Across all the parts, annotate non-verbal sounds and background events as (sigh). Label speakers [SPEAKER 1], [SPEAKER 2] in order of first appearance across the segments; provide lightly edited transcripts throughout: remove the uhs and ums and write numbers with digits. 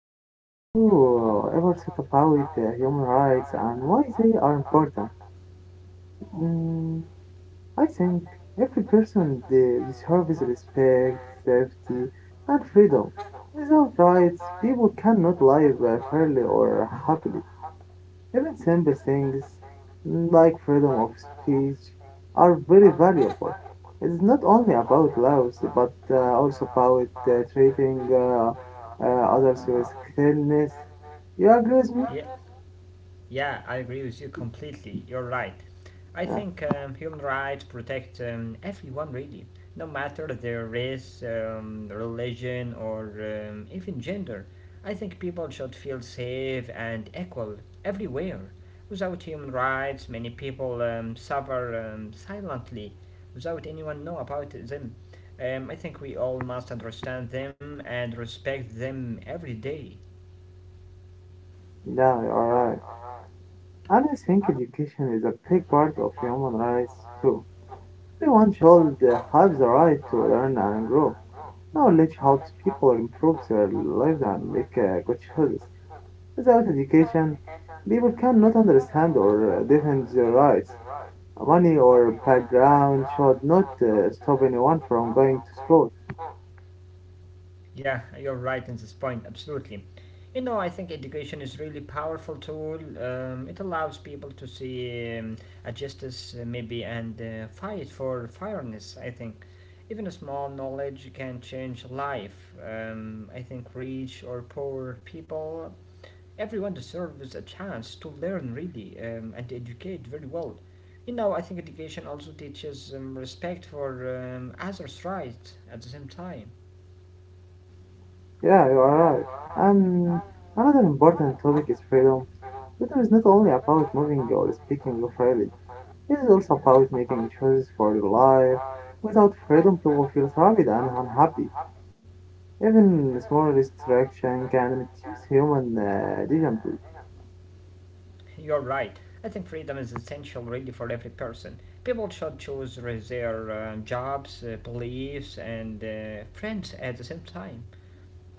[SPEAKER 1] Ahmed, have you ever thought about human rights and why they are important? Mm, I think every person deserves respect, safety, and freedom. Without rights, people cannot live fairly or happily. Even simple things like freedom of speech are very valuable. It is not only about laws, but also about treating others with kindness. You agree with me?
[SPEAKER 2] Yeah, I agree with you completely. You're right. I
[SPEAKER 1] Yeah,
[SPEAKER 2] think human rights protect everyone, really, no matter their race, religion, or even gender. I think people should feel safe and equal everywhere. Without human rights, many people suffer silently without anyone know about them. I think we all must understand them and respect them every day.
[SPEAKER 1] yeah, you're right. And I think education is a big part of human rights too. Everyone should have the right to learn and grow. Knowledge helps people improve their lives and make good choices. Without education, people cannot understand or defend their rights. Money or background should not stop anyone from going to school.
[SPEAKER 2] Yeah, you're right in this point, absolutely. You know, I think education is really powerful tool. It allows people to see a justice maybe and fight for fairness. I think even a small knowledge can change life. I think rich or poor people, everyone deserves a chance to learn really and educate very well. You know, I think education also teaches respect for others' rights at the same time.
[SPEAKER 1] Yeah, you are right. And another important topic is freedom. Freedom is not only about moving or speaking freely, it is also about making choices for your life. Without freedom, people feel trapped and unhappy. Even small restriction can reduce human agency.
[SPEAKER 2] You're right. I think freedom is essential really for every person. People should choose their jobs, beliefs, and friends at the same time.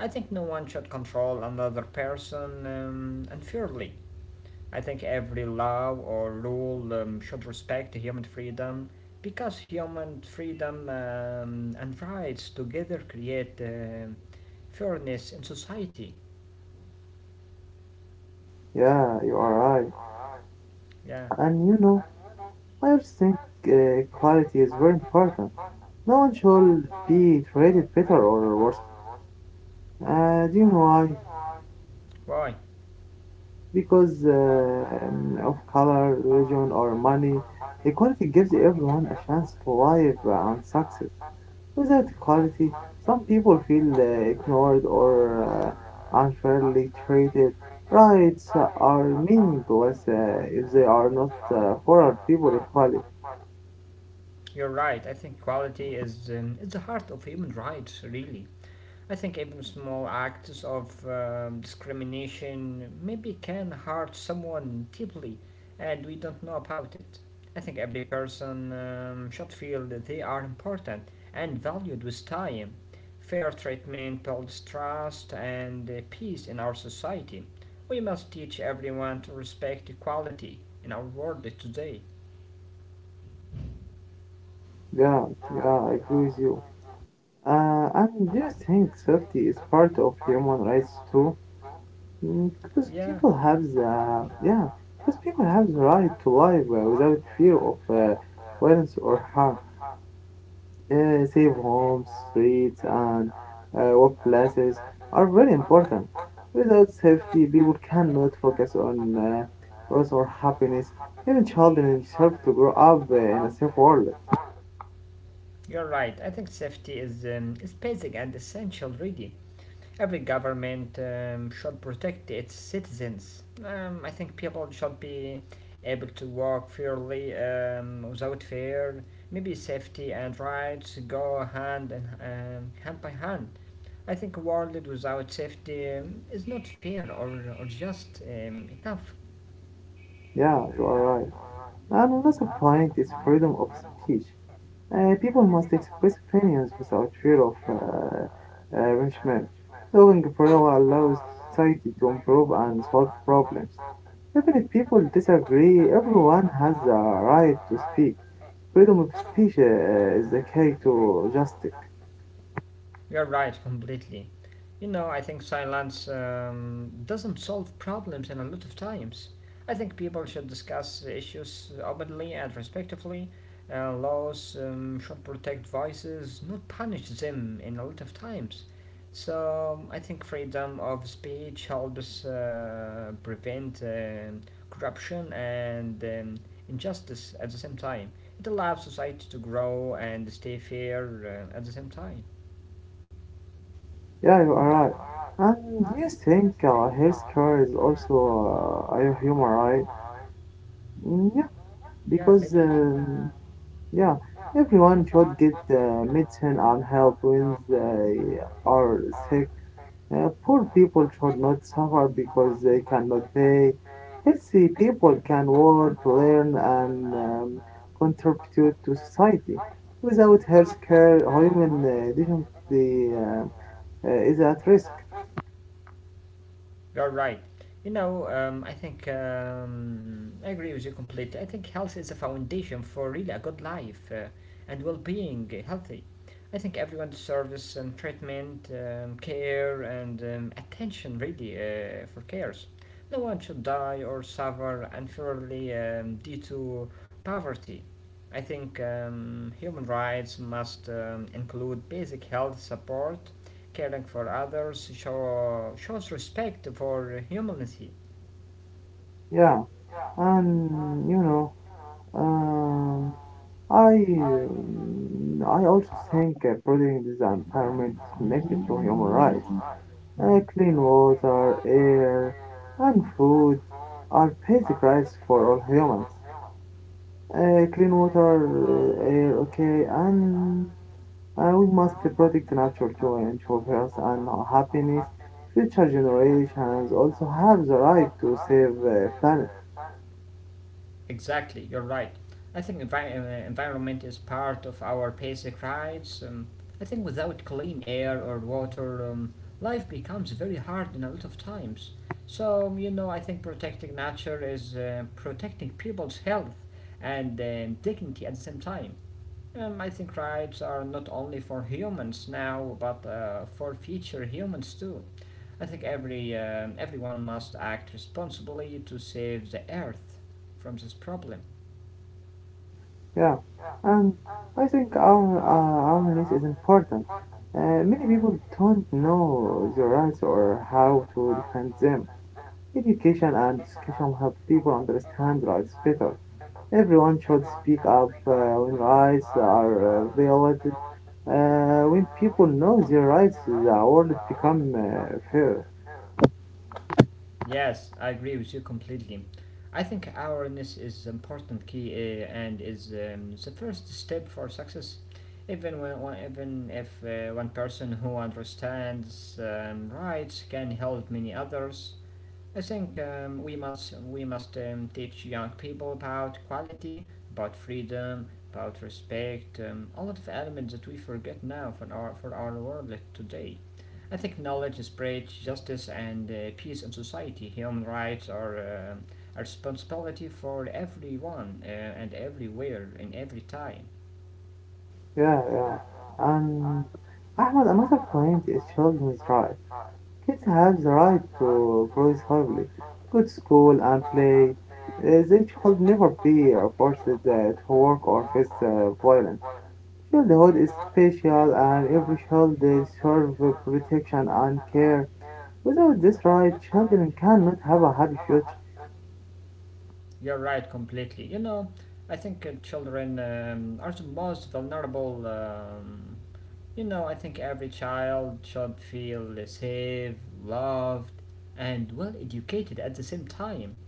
[SPEAKER 2] I think no one should control another person unfairly. I think every law or rule should respect human freedom because human freedom and rights together create fairness in society.
[SPEAKER 1] Yeah, you are right.
[SPEAKER 2] Yeah,
[SPEAKER 1] And you know, I also think quality is very important. No one should be treated better or worse. Do you know why?
[SPEAKER 2] why?
[SPEAKER 1] Because of color, religion, or money. Equality gives everyone a chance to live and success. Without equality, some people feel ignored or unfairly treated. Rights are meaningless if they are not for our people equally.
[SPEAKER 2] You're right. I think equality is the heart of human rights. Really, I think even small acts of discrimination maybe can hurt someone deeply, and we don't know about it. I think every person should feel that they are important and valued with time. Fair treatment builds trust and peace in our society. We must teach everyone to respect equality in our world today.
[SPEAKER 1] Yeah, yeah, I agree with you. And do you think safety is part of human rights too? Because people have the yeah, because people have the right to live without fear of violence or harm. Safe homes, streets, and workplaces are very important. Without safety, people cannot focus on growth or happiness. Even children deserve to grow up in a safe world.
[SPEAKER 2] You're right. I think safety is basic and essential, really. Every government should protect its citizens. I think people should be able to walk fairly without fear. Maybe safety and rights go hand and hand by hand. I think a world without safety is not fair or just enough.
[SPEAKER 1] Yeah, you are right. And another point is freedom of speech. People must express opinions without fear of punishment. Talking freely allows society to improve and solve problems. Even if people disagree, everyone has the right to speak. Freedom of speech is the key to justice.
[SPEAKER 2] You're right, completely. You know, I think silence doesn't solve problems in a lot of times. I think people should discuss issues openly and respectfully. Laws should protect voices, not punish them in a lot of times. So I think freedom of speech helps prevent corruption and injustice at the same time. It allows society to grow and stay fair at the same time.
[SPEAKER 1] Yeah, you are right. And do you think healthcare is also a human right? Yeah,
[SPEAKER 2] Yeah, maybe
[SPEAKER 1] because yeah, everyone should get the medicine and help when they are sick. Poor people should not suffer because they cannot pay. Healthy people can work, learn, and contribute to society. Without healthcare, human dignity is at risk.
[SPEAKER 2] you're right. You know, I think I agree with you completely. I think health is a foundation for really a good life and well-being, healthy. I think everyone deserves treatment, care, and attention really for cares. No one should die or suffer unfairly due to poverty. I think human rights must include basic health support, caring for others, shows respect for humanity.
[SPEAKER 1] Yeah, and you know, um, I also think protecting this environment is connected to human rights. Clean water, air, and food are basic rights for all humans. Clean water, air, okay, and we must protect nature to ensure health and happiness. Future generations also have the right to save planet.
[SPEAKER 2] Exactly, you're right. I think environment is part of our basic rights. I think without clean air or water, life becomes very hard in a lot of times. So, you know, I think protecting nature is protecting people's health and dignity at the same time. I think rights are not only for humans now, but for future humans too. I think every everyone must act responsibly to save the Earth from this problem.
[SPEAKER 1] Yeah, and I think our awareness is important. Many people don't know their rights or how to defend them. Education and discussion help people understand rights better. Everyone should speak up when rights are violated. When people know their rights, the world become fair.
[SPEAKER 2] Yes, I agree with you completely. I think awareness is important key and is the first step for success. Even when even if one person who understands rights can help many others. I think we must teach young people about quality, about freedom, about respect, a lot of elements that we forget now for our world like today. I think knowledge spreads justice and peace in society. Human rights are a responsibility for everyone and everywhere in every time.
[SPEAKER 1] Yeah, yeah. And Ahmad, another point is children's rights. Kids have the right to grow slowly. Go to school and play. They should never be forced to work or face violence. Childhood is special and every child deserves protection and care. Without this right, children cannot have a happy future.
[SPEAKER 2] You're right completely. You know, I think children are the most vulnerable. You know, I think every child should feel safe, loved, and well educated at the same time.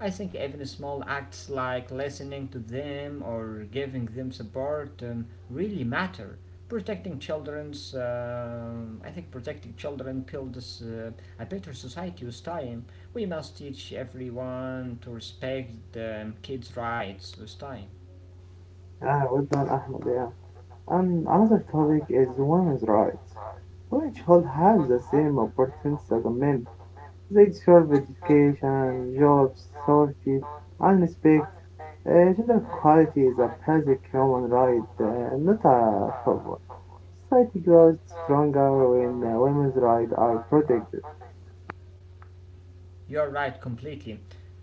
[SPEAKER 2] I think even small acts like listening to them or giving them support really matter. I think protecting children builds a better society with time. We must teach everyone to respect kids' rights with time.
[SPEAKER 1] Ah, well done, Ahmed. Yeah. Another topic is women's rights. Women should have the same opportunities as men. They deserve education, jobs, safety, and respect. Uh, gender equality is a basic human right, not a favor. Society grows stronger when women's rights are protected.
[SPEAKER 2] You're right, completely.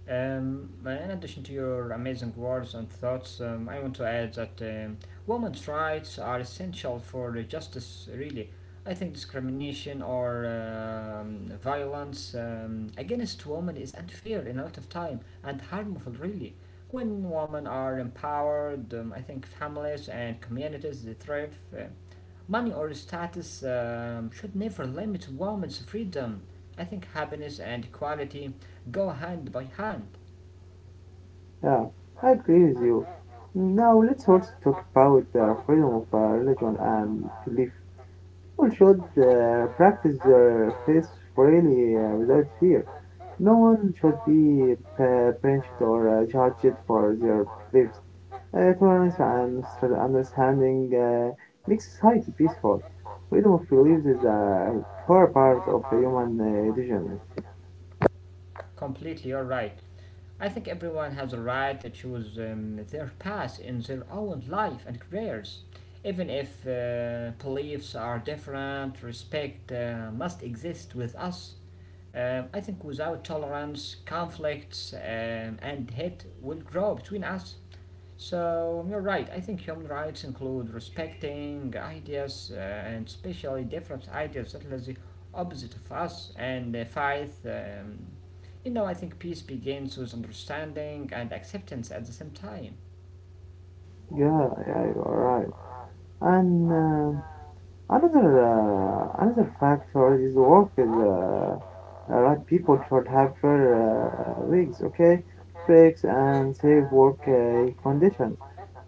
[SPEAKER 2] In addition to your amazing words and thoughts, I want to add that women's rights are essential for justice, really. I think discrimination or violence against women is unfair in a lot of time and harmful, really. When women are empowered, I think families and communities they thrive. Money or status should never limit women's freedom. I think happiness and equality go hand by hand.
[SPEAKER 1] Yeah, I agree with you. Now let's also talk about the freedom of religion and belief. People should practice their faith freely without fear. No one should be punished or judged for their beliefs. Tolerance and sort of understanding makes society peaceful. Freedom of beliefs is a core part of human development.
[SPEAKER 2] Completely, you're right. I think everyone has a right to choose their path in their own life and careers. Even if beliefs are different, respect must exist with us. I think without tolerance, conflicts and hate will grow between us. So you're right. I think human rights include respecting ideas and especially different ideas that are the opposite of us and fight. You know, I think peace begins with understanding and acceptance at the same time.
[SPEAKER 1] Yeah, yeah, you are right. And another factor is work is right. People should have fair weeks, okay, breaks, and safe work conditions.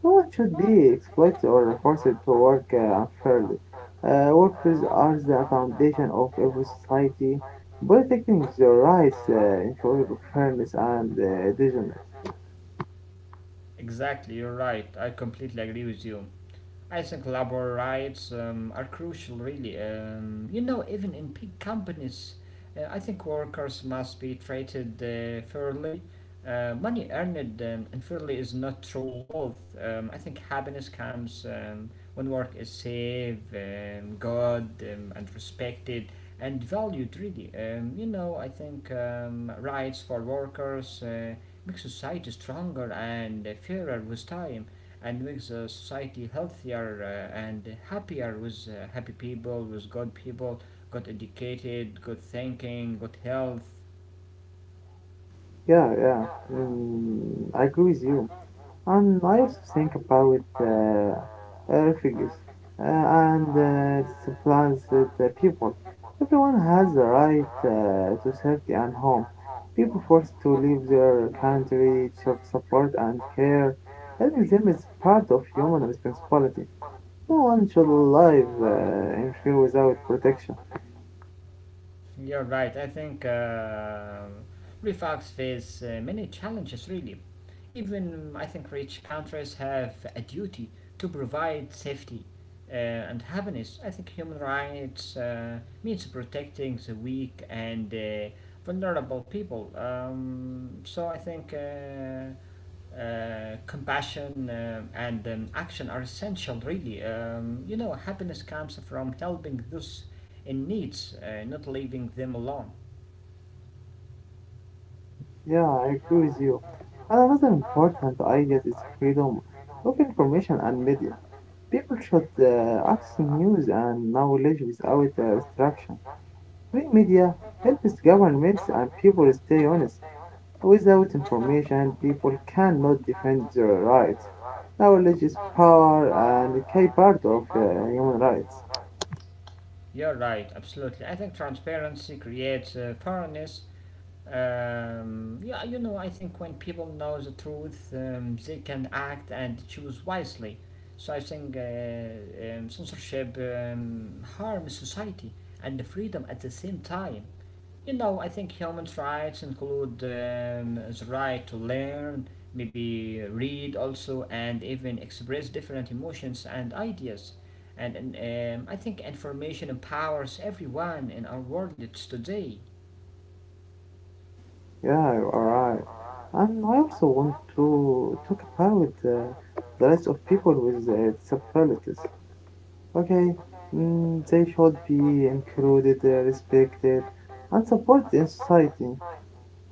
[SPEAKER 1] No one should be exploited or forced to work unfairly. Workers are the foundation of every society. Protecting their rights ensures fairness and dignity.
[SPEAKER 2] Exactly, you're right. I completely agree with you. I think labor rights are crucial, really. You know, even in big companies, I think workers must be treated fairly. Money earned unfairly is not true wealth. I think happiness comes when work is safe, good, and respected and valued, really. You know, I think rights for workers make society stronger and fairer with time and makes the society healthier and happier with happy people, with good people, good educated, good thinking, good health.
[SPEAKER 1] Yeah, yeah. I agree with you. And I think about figures and supplies that people. Everyone has the right to safety and home. People forced to leave their country, show support and care. Helping them is part of human responsibility. No one should live in fear without protection.
[SPEAKER 2] You're right. I think refugs face many challenges really. Even I think rich countries have a duty to provide safety and happiness. I think human rights means protecting the weak and vulnerable people. So I think compassion and action are essential really. You know, happiness comes from helping those in needs not leaving them alone.
[SPEAKER 1] Yeah, I agree with you. And another important idea is freedom of information and media. People should access news and knowledge without restriction. Free media helps governments and people stay honest. Without information, people cannot defend their rights. Knowledge is power and a key part of human rights.
[SPEAKER 2] You're right, absolutely. I think transparency creates fairness. Yeah, you know, I think when people know the truth, they can act and choose wisely. So I think censorship harms society and the freedom at the same time. You know, I think human rights include the right to learn, maybe read also, and even express different emotions and ideas. And I think information empowers everyone in our world today.
[SPEAKER 1] Yeah, you are right. And I also want to talk about the rights of people with disabilities. Okay, they should be included, respected, and supported in society.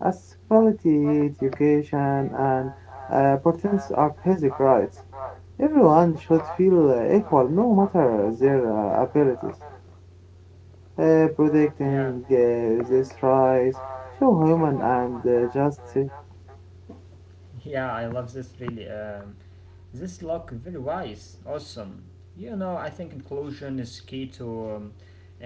[SPEAKER 1] As quality education and opportunities are basic rights. Everyone should feel equal, no matter their abilities. Protecting these rights show human and justice.
[SPEAKER 2] Yeah, I love this really. This look very wise, awesome. You know, I think inclusion is key to um,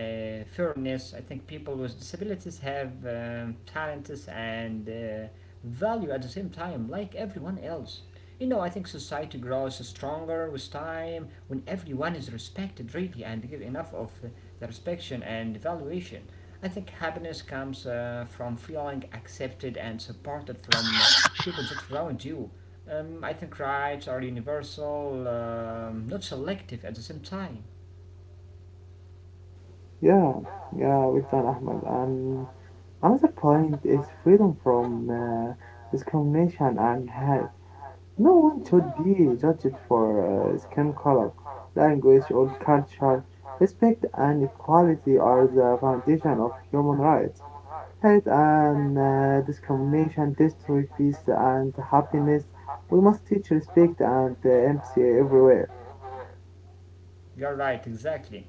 [SPEAKER 2] uh, fairness. I think people with disabilities have talents and value at the same time, like everyone else. You know, I think society grows stronger with time when everyone is respected really and give enough of the respect and valuation. I think happiness comes from feeling accepted and supported from people that around you. I think rights are universal, not selective at the same time.
[SPEAKER 1] Yeah, yeah, with done, Ahmed. And another point is freedom from discrimination and hate. No one should be judged for skin color, language, or culture. Respect and equality are the foundation of human rights. Hate and discrimination destroy peace and happiness. We must teach respect and empathy everywhere.
[SPEAKER 2] You're right, exactly.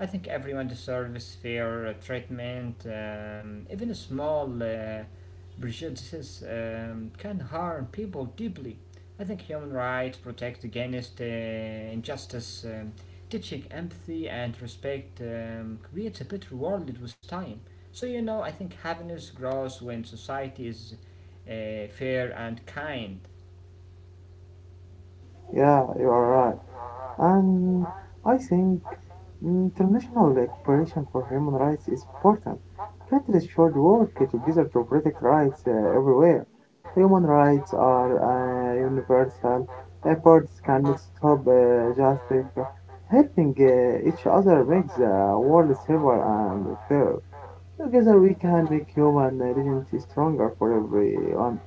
[SPEAKER 2] I think everyone deserves fair treatment. Even small prejudices can harm people deeply. I think human rights protect against injustice. Teaching empathy and respect creates a better world with time. So, you know, I think happiness grows when society is fair and kind.
[SPEAKER 1] Yeah, you are right. And I think international cooperation for human rights is important. Countries should work together to protect rights everywhere. Human rights are universal. Efforts cannot stop just helping each other makes the world safer and fair. Together we can make human dignity stronger for everyone.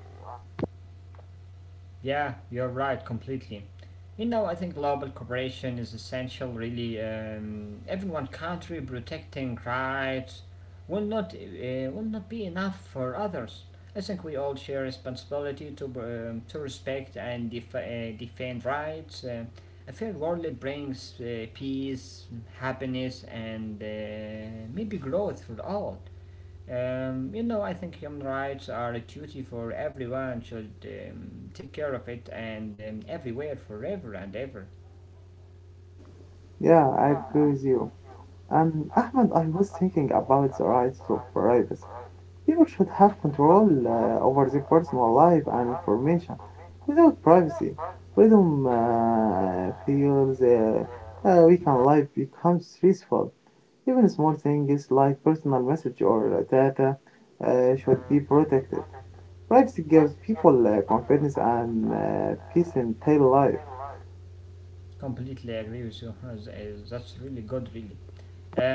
[SPEAKER 2] Yeah, you're right completely. You know, I think global cooperation is essential, really. Even one country protecting rights will not be enough for others. I think we all share responsibility to respect and defend rights. A fair world that brings peace, happiness, and maybe growth for all. You know, I think human rights are a duty for everyone should take care of it and everywhere, forever and ever.
[SPEAKER 1] Yeah, I agree with you. And Ahmed, I was thinking about the right to privacy. People should have control over their personal life and information. Without privacy, freedom feels we can life becomes stressful. Even small things like personal message or data should be protected. Privacy gives people confidence and peace in daily life.
[SPEAKER 2] Completely agree with you. (laughs) That's really good, really.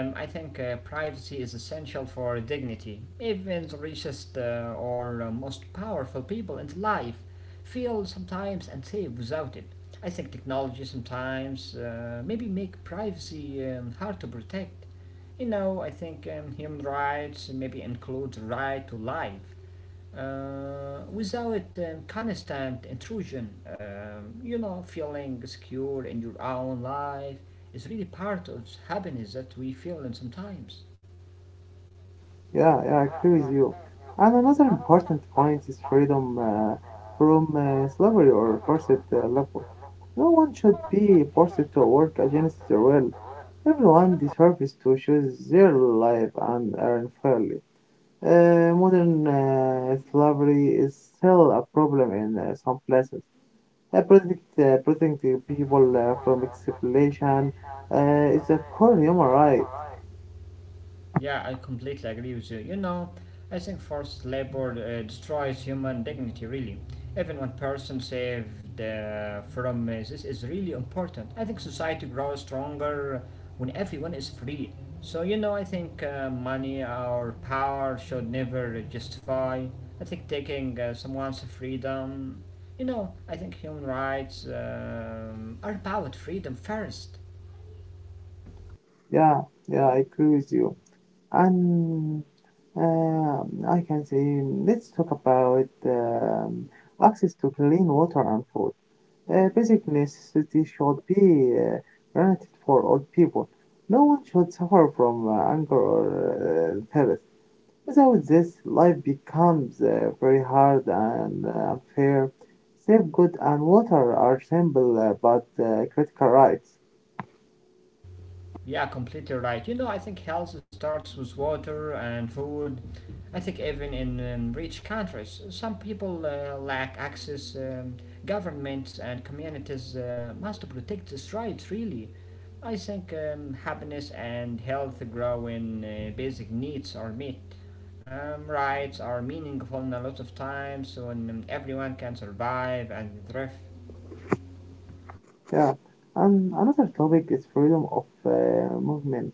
[SPEAKER 2] I think privacy is essential for dignity. Even the richest or most powerful people in life feel sometimes unsafe without it. I think technology sometimes maybe make privacy hard to protect. You know, I think human rights maybe include the right to life without constant intrusion. You know, feeling secure in your own life is really part of happiness that we feel in sometimes.
[SPEAKER 1] Yeah, yeah, I agree with you. And another important point is freedom from slavery or forced labor. No one should be forced to work against their will. Everyone deserves to choose their life and earn fairly. Modern slavery is still a problem in some places. Protecting people from exploitation is a core human right.
[SPEAKER 2] Yeah, I completely agree with you. You know, I think forced labor destroys human dignity, really. Even one person saved from this is really important. I think society grows stronger when everyone is free. So, you know, I think money or power should never justify. I think taking someone's freedom, you know, I think human rights are about freedom first.
[SPEAKER 1] Yeah, yeah, I agree with you. And I can say let's talk about access to clean water and food. Basic necessities should be granted for all people. No one should suffer from hunger or thirst. Without this, life becomes very hard and unfair. Safe food and water are simple but critical rights.
[SPEAKER 2] Yeah, completely right. You know, I think health starts with water and food. I think even in rich countries, some people lack access. Governments and communities must protect this right, really. I think happiness and health grow when basic needs are met. Rights are meaningful in a lot of times when everyone can survive and thrive.
[SPEAKER 1] Yeah. And another topic is freedom of movement.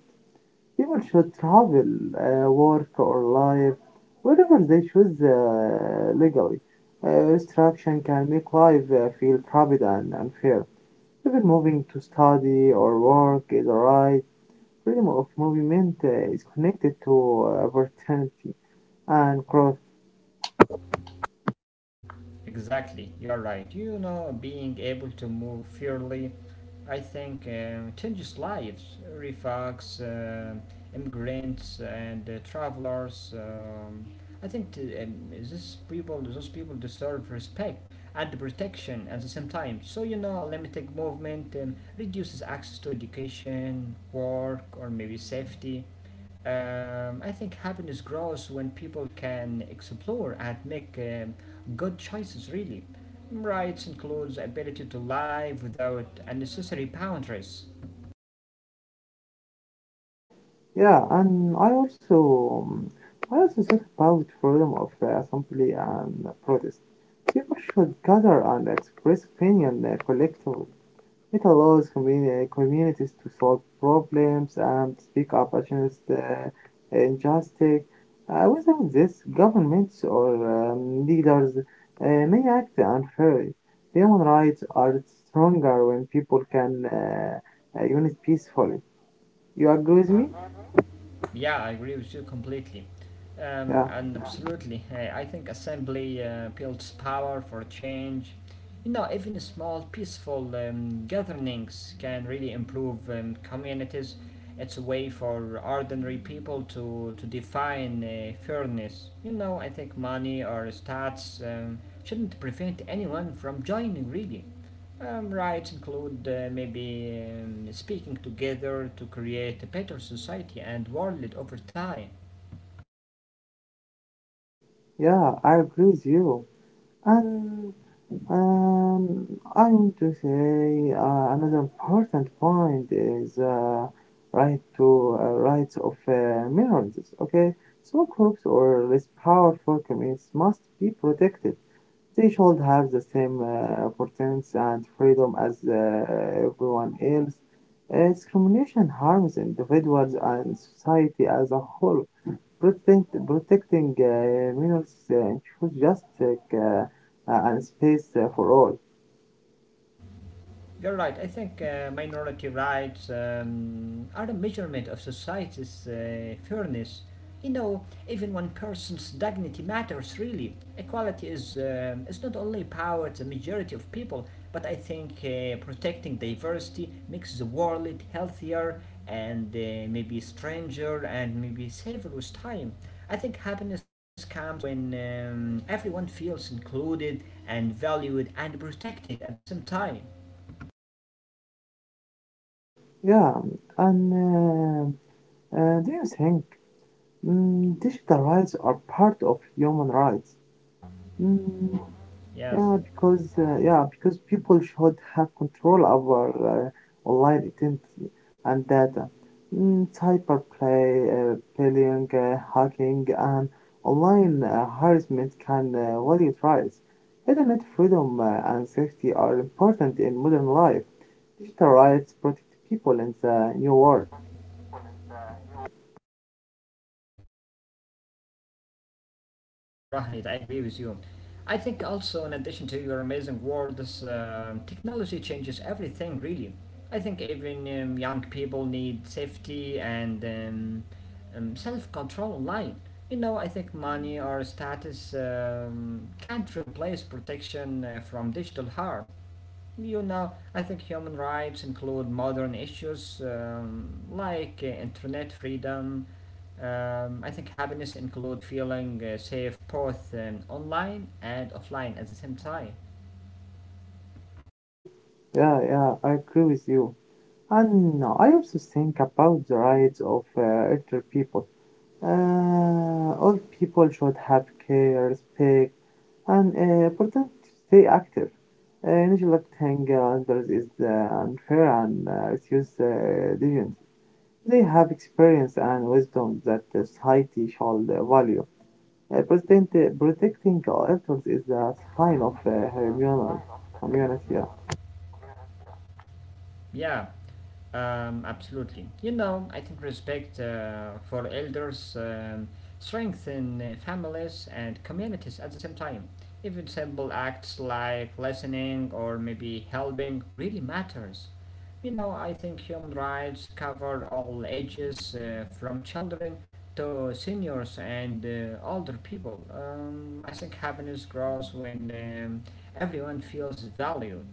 [SPEAKER 1] People should travel, work, or live wherever they choose legally. Restriction can make life feel crowded and unfair. Even moving to study or work is a right. Freedom of movement is connected to opportunity and growth.
[SPEAKER 2] Exactly, you're right. You know, being able to move freely, I think, changes lives. Refugees, immigrants, and travelers. I think these people, deserve respect and protection at the same time. So you know, limited movement reduces access to education, work, or maybe safety. I think happiness grows when people can explore and make good choices, really. Rights includes ability to live without unnecessary boundaries.
[SPEAKER 1] Yeah, and I also thought about freedom of assembly and protest. People should gather and express opinion collectively. It allows communities to solve problems and speak up against injustice. Without this, governments or leaders may act unfairly. Human rights are stronger when people can unite peacefully. You agree with me?
[SPEAKER 2] Yeah, I agree with you completely.
[SPEAKER 1] Yeah,
[SPEAKER 2] And absolutely, I think assembly builds power for change. You know, even small, peaceful gatherings can really improve communities. It's a way for ordinary people to define fairness. You know, I think money or stats shouldn't prevent anyone from joining, really. Rights include maybe speaking together to create a better society and world over time.
[SPEAKER 1] yeah, I agree with you. And Um, I want to say another important point is right to rights of minorities. Okay, so groups or less powerful communities must be protected. They should have the same opportunities and freedom as everyone else. Discrimination harms individuals and society as a whole. Protecting Minos should just like, and space for all.
[SPEAKER 2] You're right. I think minority rights are a measurement of society's fairness. You know, even one person's dignity matters really. Equality is not only power to the majority of people, but I think protecting diversity makes the world healthier and maybe stranger and maybe safer with time. I think happiness comes when everyone feels included and valued and protected at the same time.
[SPEAKER 1] Yeah, and do you think digital rights are part of human rights? Mm,
[SPEAKER 2] Yes.
[SPEAKER 1] Yeah, because people should have control over online identity and data. Cyber play, bullying, hacking, and online harassment can value rights. Internet freedom and safety are important in modern life. Digital rights protect people in the new world.
[SPEAKER 2] Yeah, you're completely (laughs) right. I agree with you. I think also, in addition to your amazing words, technology changes everything, really. I think even young people need safety and self control online. You know, I think money or status can't replace protection from digital harm. You know, I think human rights include modern issues like internet freedom. I think happiness include feeling safe both online and offline at the same time.
[SPEAKER 1] Yeah, yeah, I agree with you. And I also think about the rights of elder people. All people should have care, respect, and important to stay active. Neglecting others is unfair and refuse diligence. They have experience and wisdom that the society shall value. Protecting others is a sign of humanity. humanity.
[SPEAKER 2] Yeah, absolutely. You know, I think respect for elders strengthen families and communities at the same time. Even simple acts like listening or maybe helping really matters. You know, I think human rights cover all ages, from children to seniors and older people. I think happiness grows when everyone feels valued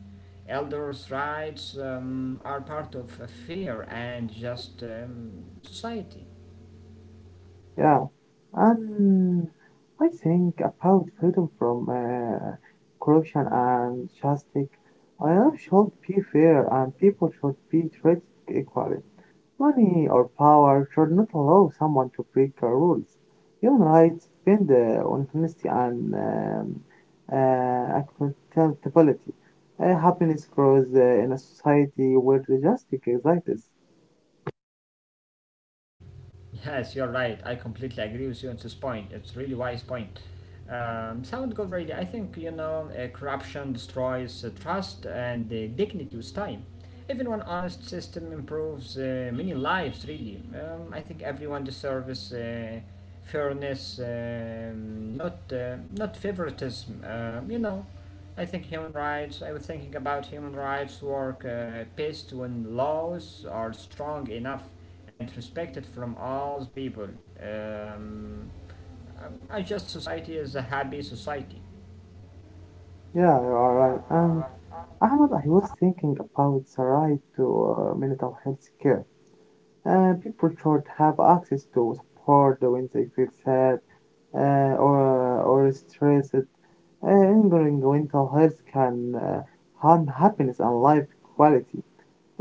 [SPEAKER 2] elders' rights are part of a fair and just society.
[SPEAKER 1] Yeah, and I think about freedom from corruption and justice. I know should be fair and people should be treated equally. Money or power should not allow someone to break the rules. Human rights depend on honesty and uh, accountability. Happiness grows in a society where the justice exists.
[SPEAKER 2] Yes, you're right. I completely agree with you on this point. It's really wise point. Sound good, really. I think you know, corruption destroys trust and dignity with time. Even one honest system improves many lives. Really, I think everyone deserves fairness, not favoritism. I was thinking about human rights work best when laws are strong enough and respected from all people. Um, I just society is a happy society.
[SPEAKER 1] Yeah, you are right. And Ahmad, I was thinking about the right to mental health care. People should have access to support when they feel sad or stressed. Ignoring mental health can harm happiness and life quality.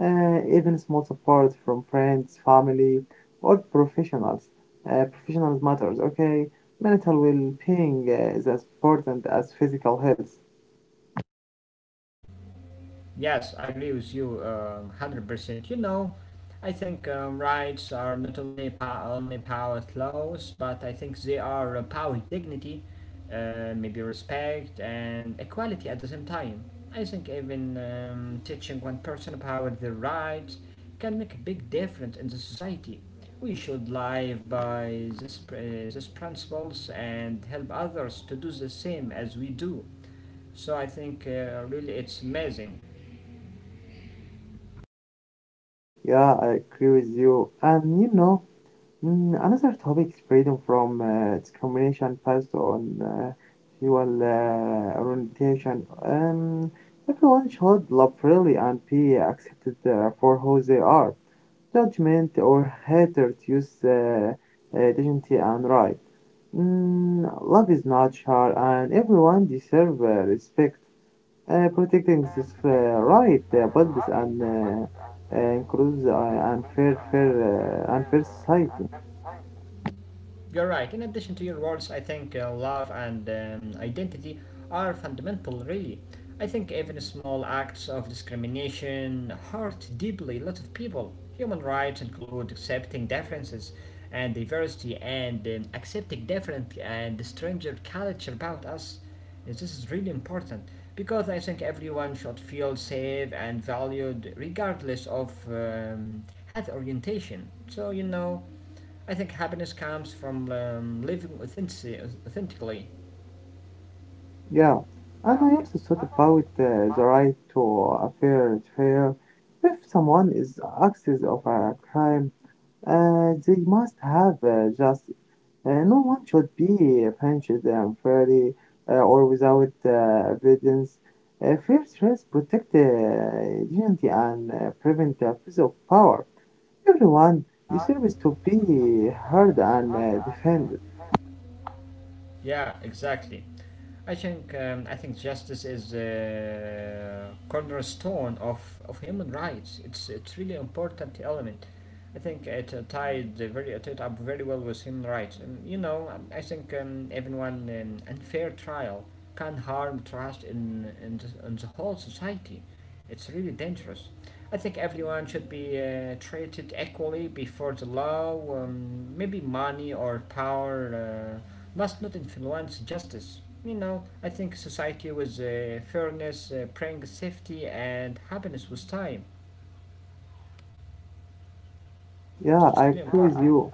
[SPEAKER 1] Even small support from friends, family, or professionals. Professionals matters, okay? Mental well-being is as important as physical health.
[SPEAKER 2] Yes, I agree with you 100%. You know, I think rights are not only power laws, but I think they are power dignity, maybe respect and equality at the same time. I think even teaching one person about their rights can make a big difference in the society. We should live by these principles and help others to do the same as we do. So I think really it's amazing.
[SPEAKER 1] Yeah, I agree with you. And you know, another topic is freedom from discrimination based on sexual orientation. Everyone should love freely and be accepted for who they are. Judgment or hatred use dignity and right. Love is natural and everyone deserves respect. Protecting this right builds an inclusive and and fair society.
[SPEAKER 2] You're right. In addition to your words, I think love and identity are fundamental, really. I think even small acts of discrimination hurt deeply a lot of people. Human rights include accepting differences and diversity and accepting different and stranger culture about us. Yes, this is really important because I think everyone should feel safe and valued regardless of health orientation. So, you know. I think happiness comes from living authentically.
[SPEAKER 1] Yeah, and I also thought about the right to a fair trial. If someone is accused of a crime, they must have justice. No one should be punished unfairly or without evidence. Fair trials protect dignity and prevent the abuse of power. Everyone deserves to be heard and defended.
[SPEAKER 2] Yeah, exactly. I think justice is a cornerstone of human rights. It's really important element. I think it tied up very well with human rights. And you know, I think everyone unfair trial can harm trust in the whole society. It's really dangerous. I think everyone should be treated equally before the law. Maybe money or power must not influence justice. You know, I think society with fairness brings safety and happiness with time. So
[SPEAKER 1] Yeah,
[SPEAKER 2] it's
[SPEAKER 1] I
[SPEAKER 2] really
[SPEAKER 1] agree with
[SPEAKER 2] important.
[SPEAKER 1] you.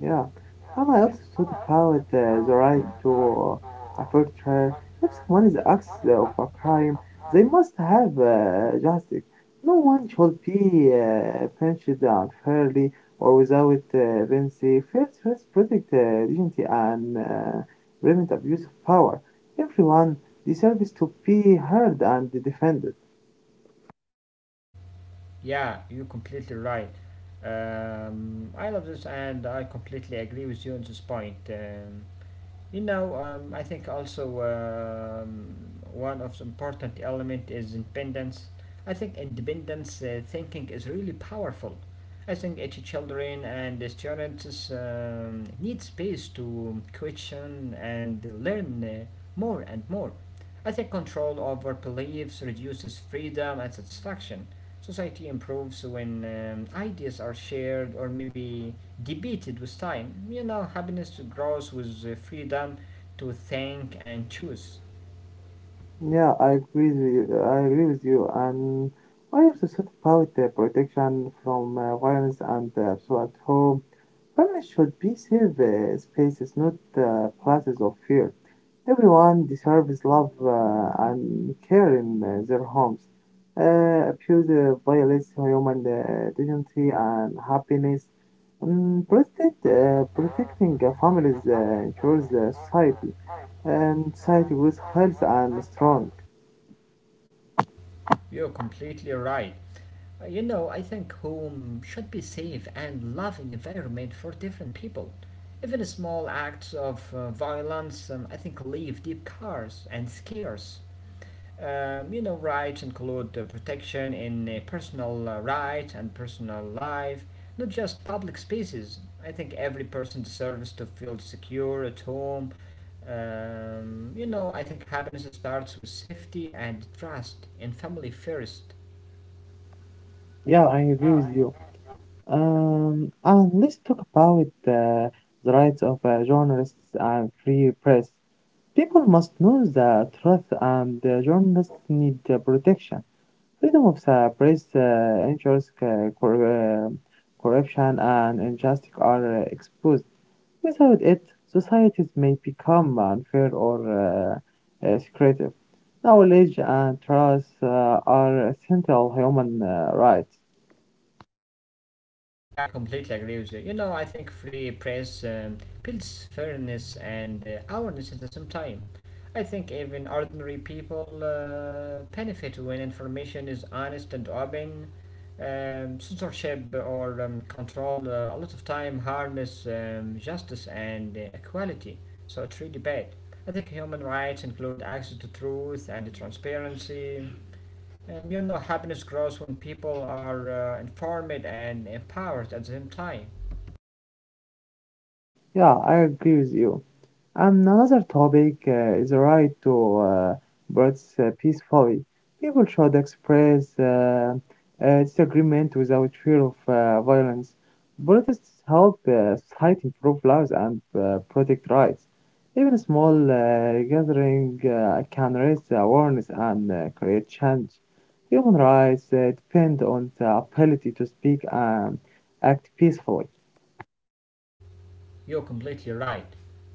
[SPEAKER 1] Yeah. Mama also thought about the right to a fair trial. If someone is accused of a crime, they must have justice. No one should be punished unfairly or without benefit. Fair trials protect dignity and prevent abuse of power. Everyone deserves to be heard and defended.
[SPEAKER 2] Yeah, you're completely right. I love this and I completely agree with you on this point. I think also one of the important element is independence. I think independence thinking is really powerful. I think each children and the students need space to question and learn more and more. I think control over beliefs reduces freedom and satisfaction. Society improves when ideas are shared or maybe debated with time. You know, happiness grows with the freedom to think and choose.
[SPEAKER 1] Yeah, I agree with you. I agree with you. And I also thought about the protection from violence and so at home. Families should be safe spaces, not places of fear. Everyone deserves love and care in their homes. Abuse violates human dignity and happiness. Protecting families ensures society, and society grows healthy and strong.
[SPEAKER 2] You're completely right. You know, I think home should be safe and loving environment for different people. Even small acts of violence, I think, leave deep scars and scares. You know, rights include protection in personal rights and personal life, not just public spaces. I think every person deserves to feel secure at home. You know, I think happiness starts with safety and trust in family first.
[SPEAKER 1] Yeah, I agree with you. And let's talk about the rights of journalists and free press. People must know the truth, and journalists need protection. Freedom of the press ensures corruption and injustice are exposed. Without it, societies may become unfair or secretive. Knowledge and trust are essential human rights.
[SPEAKER 2] Yeah, I completely agree with you. You know, I think free press builds fairness and awareness at the same time. I think even ordinary people benefit when information is honest and open. Censorship or control a lot of time harness justice and equality, so it's really bad. I think human rights include access to truth and transparency you know, happiness grows when people are informed and empowered at the same time.
[SPEAKER 1] Yeah, I agree with you. And another topic is the right to protest peacefully. People should express disagreement without fear of violence. Protests help society improve lives and protect rights. Even a small gathering can raise awareness and create change. Human rights depend on the ability to speak and act peacefully.
[SPEAKER 2] You're completely right.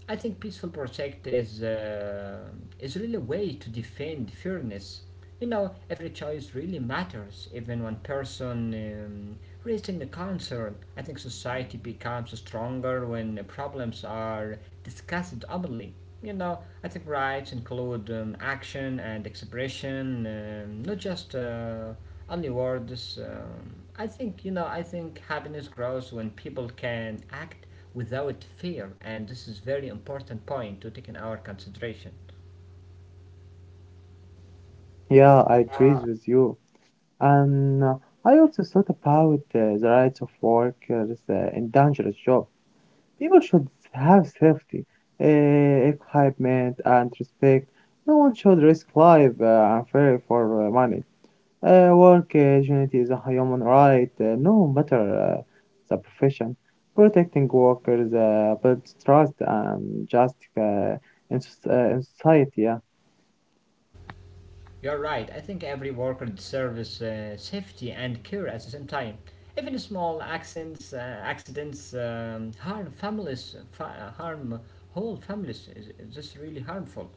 [SPEAKER 2] I think peaceful project is really a way to defend fairness. You know, every choice really matters. Even one person raising the concern, I think society becomes stronger when problems are discussed openly. You know, I think rights include action and expression, not just only words. You know, I think happiness grows when people can act without fear, and this is very important point to take in our consideration.
[SPEAKER 1] Yeah, I agree with you. And I also thought about the rights of workers in dangerous jobs. People should have safety, equipment, and respect. No one should risk life unfairly for money. Work dignity is a human right, no matter the profession. Protecting workers builds trust and justice in society. Yeah.
[SPEAKER 2] You're right, I think every worker deserves safety and care at the same time. Even small accidents harm harm whole families. Is this really harmful?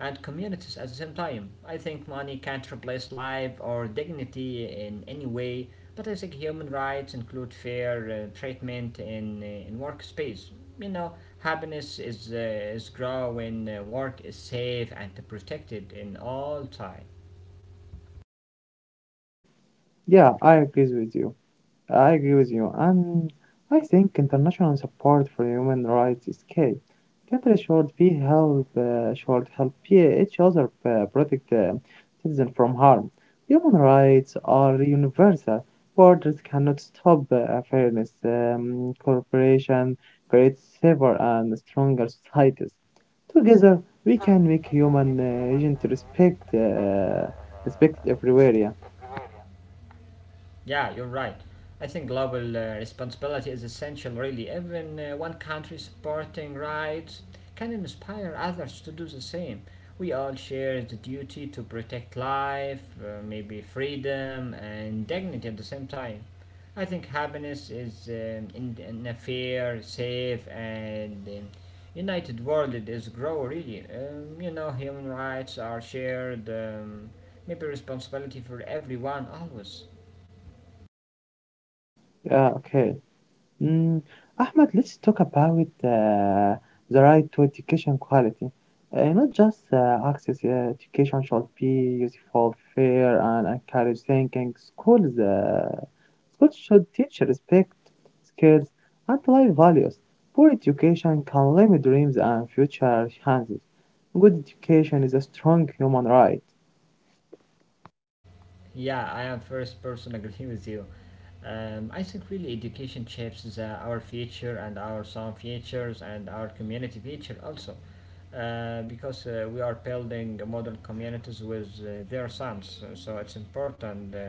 [SPEAKER 2] And communities at the same time. I think money can't replace life or dignity in any way, but I think human rights include fair treatment in workspace. You know, happiness is grow when work is safe and protected in all time.
[SPEAKER 1] yeah, I agree with you. I agree with you, and I think international support for human rights is key. Countries should be help should help each other protect citizens from harm. Human rights are universal. Borders cannot stop fairness. Cooperation creates safer and stronger societies. Together, we can make human agent respect everywhere. Yeah.
[SPEAKER 2] Yeah, you're right. I think global responsibility is essential, really. Even one country supporting rights can inspire others to do the same. We all share the duty to protect life, maybe freedom and dignity at the same time. I think happiness is in a fair, safe, and united world. It is grow really. You know, human rights are shared. Maybe responsibility for everyone always.
[SPEAKER 1] Yeah, okay. Mm, Ahmed, let's talk about the right to education quality. Not just access, education should be useful, fair, and encourage thinking. Schools should teach respect, skills, and life values. Poor education can limit dreams and future chances. Good education is a strong human right.
[SPEAKER 2] Yeah, I am first person agree with you. I think really education shapes our future and our son futures and our community future also, because we are building modern communities with their sons. So it's important uh,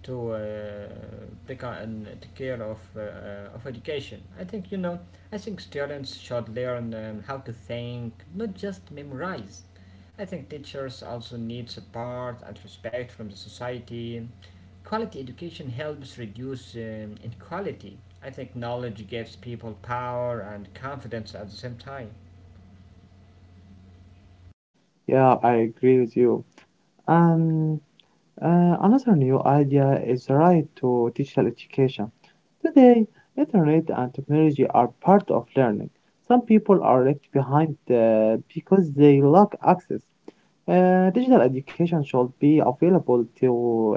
[SPEAKER 2] to uh, take on take care of education. I think you know. I think students should learn how to think, not just memorize. I think teachers also need support and respect from the society. Quality education helps reduce inequality. I think knowledge gives people power and confidence at the same time.
[SPEAKER 1] Yeah, I agree with you. Um, Another new idea is the right to digital education. Today, internet and technology are part of learning. Some people are left behind because they lack access. Digital education should be available to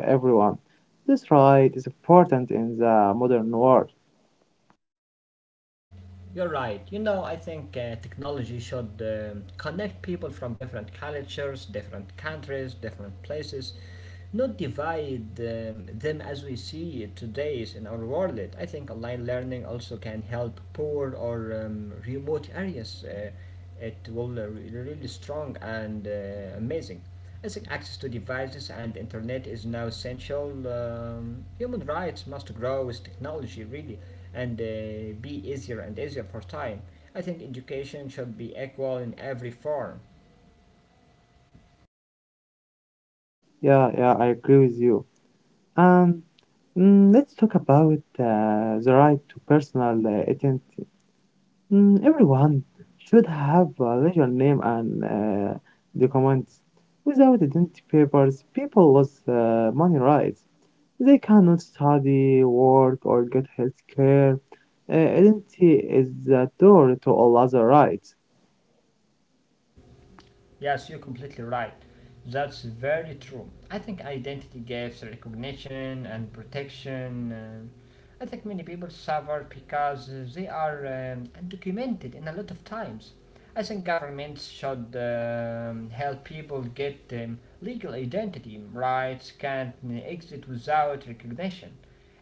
[SPEAKER 1] everyone. This right is important in the modern world.
[SPEAKER 2] You're right. You know, I think technology should connect people from different cultures, different countries, different places, not divide them as we see it today in our world. I think online learning also can help poor or remote areas. It will really strong and amazing. I think access to devices and internet is now essential. Human rights must grow with technology, really, and be easier and easier for time. I think education should be equal in every form.
[SPEAKER 1] Yeah, yeah, I agree with you. And let's talk about the right to personal everyone should have a legal name and documents. Without identity papers, people lose money rights. They cannot study, work, or get health care. Identity is the door to all other rights.
[SPEAKER 2] Yes, you're completely right. That's very true. I think identity gives recognition and protection. I think many people suffer because they are undocumented in a lot of times. I think governments should help people get legal identity. Rights can't exist without recognition.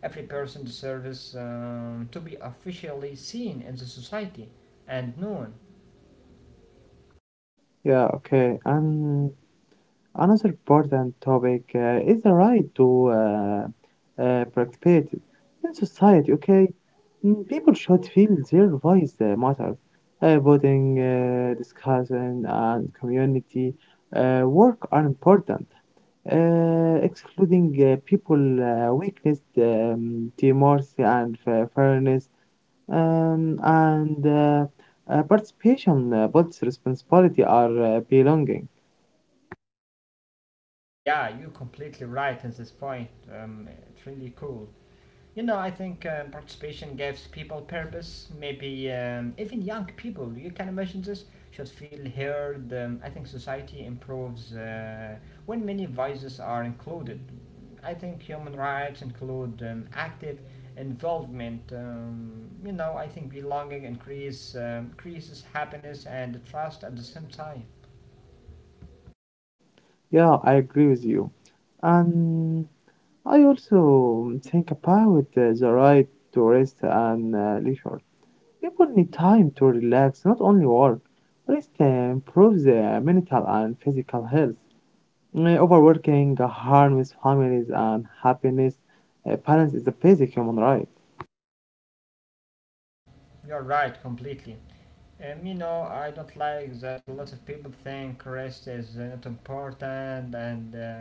[SPEAKER 2] Every person deserves to be officially seen in the society and known.
[SPEAKER 1] Yeah, okay. And another important topic is the right to participate in society, okay? People should feel their voice matters. Voting, discussion, and community work are important. Excluding people weakness, democracy, and fairness, and participation, both responsibility, are belonging.
[SPEAKER 2] Yeah, you're completely right at this point. It's really cool. You know, I think participation gives people purpose. Maybe even young people, you can imagine this, should feel heard. I think society improves when many voices are included. I think human rights include active involvement. You know, I think belonging increases happiness and trust at the same time.
[SPEAKER 1] Yeah, I agree with you. And I also think about the right to rest and leisure. People need time to relax, not only work. Rest improves mental and physical health. Overworking harms families and happiness. Balance is a basic human right.
[SPEAKER 2] You're right, completely. You know, I don't like that a lot of people think rest is not important and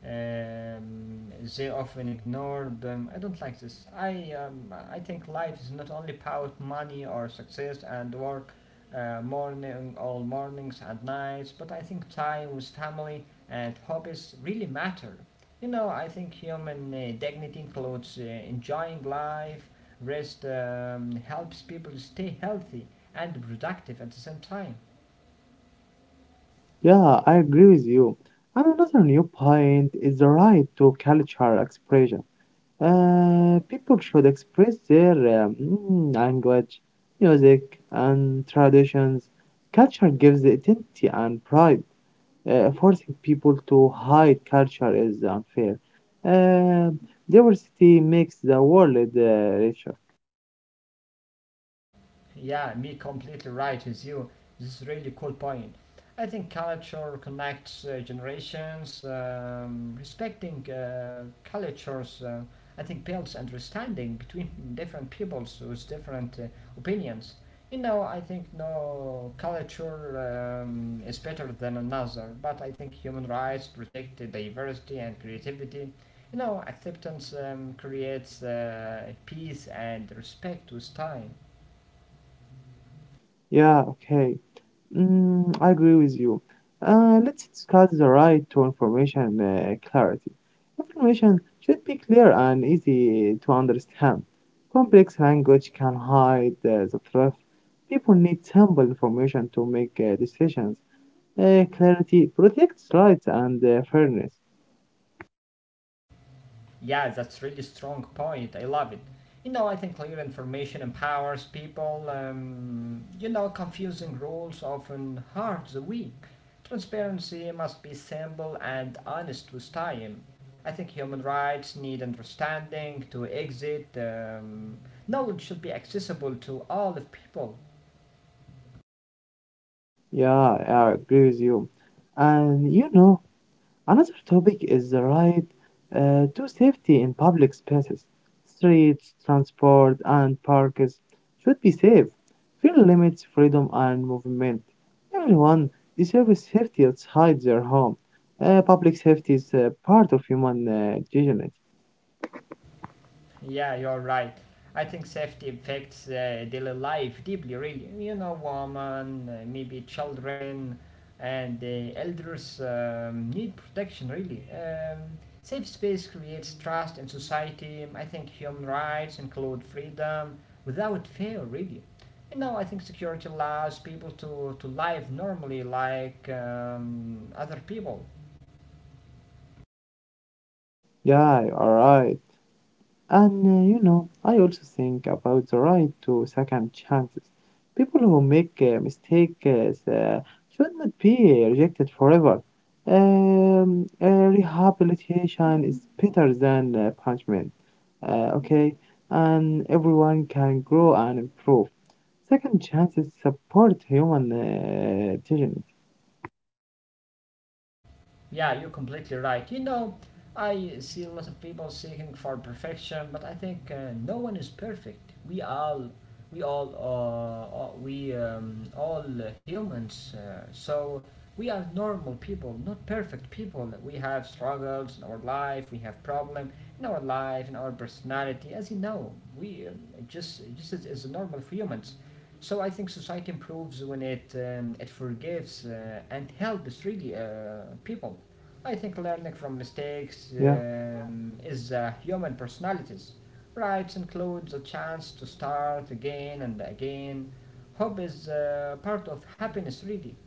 [SPEAKER 2] um, they often ignore them. I don't like this. I think life is not only about money or success and work morning, all mornings and nights, but I think time with family and hobbies really matter. You know, I think human dignity includes enjoying life, rest helps people stay healthy and productive at the same time.
[SPEAKER 1] Yeah, I agree with you. And another new point is the right to cultural expression. People should express their language, music, and traditions. Culture gives identity and pride. Forcing people to hide culture is unfair. Uh, Diversity makes the world richer.
[SPEAKER 2] Yeah, me completely right with you. This is really cool point. I think culture connects generations. Respecting cultures, I think, builds understanding between (laughs) different peoples with different opinions. You know, I think no culture is better than another, but I think human rights protect the diversity and creativity. You know, acceptance creates peace and respect with time.
[SPEAKER 1] Yeah, okay. I agree with you. Let's discuss the right to information clarity. Information should be clear and easy to understand. Complex language can hide the truth. People need simple information to make decisions. Clarity protects rights and fairness.
[SPEAKER 2] Yeah, that's really strong point. I love it. You know, I think clear information empowers people. You know, confusing rules often hurt the weak. Transparency must be simple and honest with time. I think human rights need understanding to exit. Knowledge should be accessible to all of people.
[SPEAKER 1] Yeah, I agree with you. And you know, another topic is the right to safety in public spaces. Streets, transport, and parks should be safe. Fear limits freedom and movement. Everyone deserves safety outside their home. Public safety is part of human dignity.
[SPEAKER 2] Yeah, you're right. I think safety affects daily life deeply, really. You know, women, maybe children, and the elders need protection, really. Safe space creates trust in society. I think human rights include freedom without fear, really. You know, I think security allows people to live normally like other people.
[SPEAKER 1] Yeah, all right. And you know, I also think about the right to second chances. People who make mistakes should not be rejected forever. Rehabilitation is better than punishment. Okay, and everyone can grow and improve. Second chances support human dignity.
[SPEAKER 2] Yeah, you're completely right. You know, I see a lot of people seeking for perfection, but I think no one is perfect. We all humans. So we are normal people, not perfect people. We have struggles in our life. We have problem in our life, in our personality. As you know, we just as normal humans. So I think society improves when it forgives and helps really people. I think learning from mistakes
[SPEAKER 1] Yeah,
[SPEAKER 2] is human personalities. Rights includes a chance to start again and again. Hope is part of happiness really.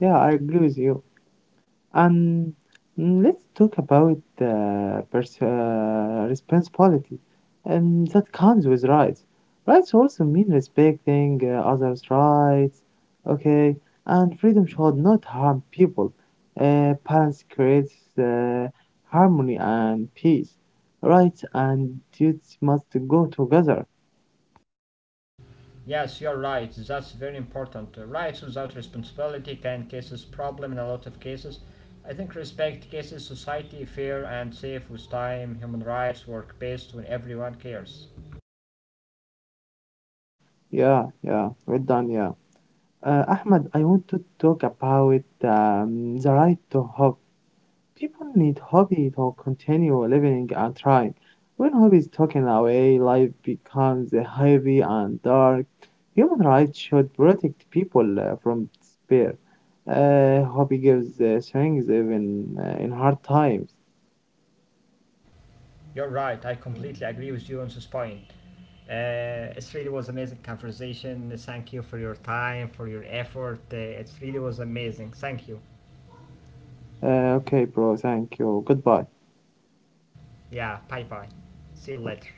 [SPEAKER 1] yeah, I agree with you. And let's talk about the responsibility that comes with rights. Rights also mean respecting others' rights, okay? And freedom should not harm people. Balance creates harmony and peace. Rights and duties must go together.
[SPEAKER 2] Yes, you're right. That's very important. Rights without responsibility can cause problem in a lot of cases. I think respect cases society fair and safe with time. Human rights work best when everyone cares.
[SPEAKER 1] Yeah, yeah, well done, yeah. Ahmed, I want to talk about the right to hope. People need hobby to continue living and trying. When hobbies taken away, life becomes heavy and dark. Human rights should protect people from despair. Hobby gives strength even in hard times.
[SPEAKER 2] You're right. I completely agree with you on this point. It really was amazing conversation. Thank you for your time, for your effort. It really was amazing. Thank you.
[SPEAKER 1] Okay, bro. Thank you. Goodbye.
[SPEAKER 2] Yeah. Bye bye. See you later.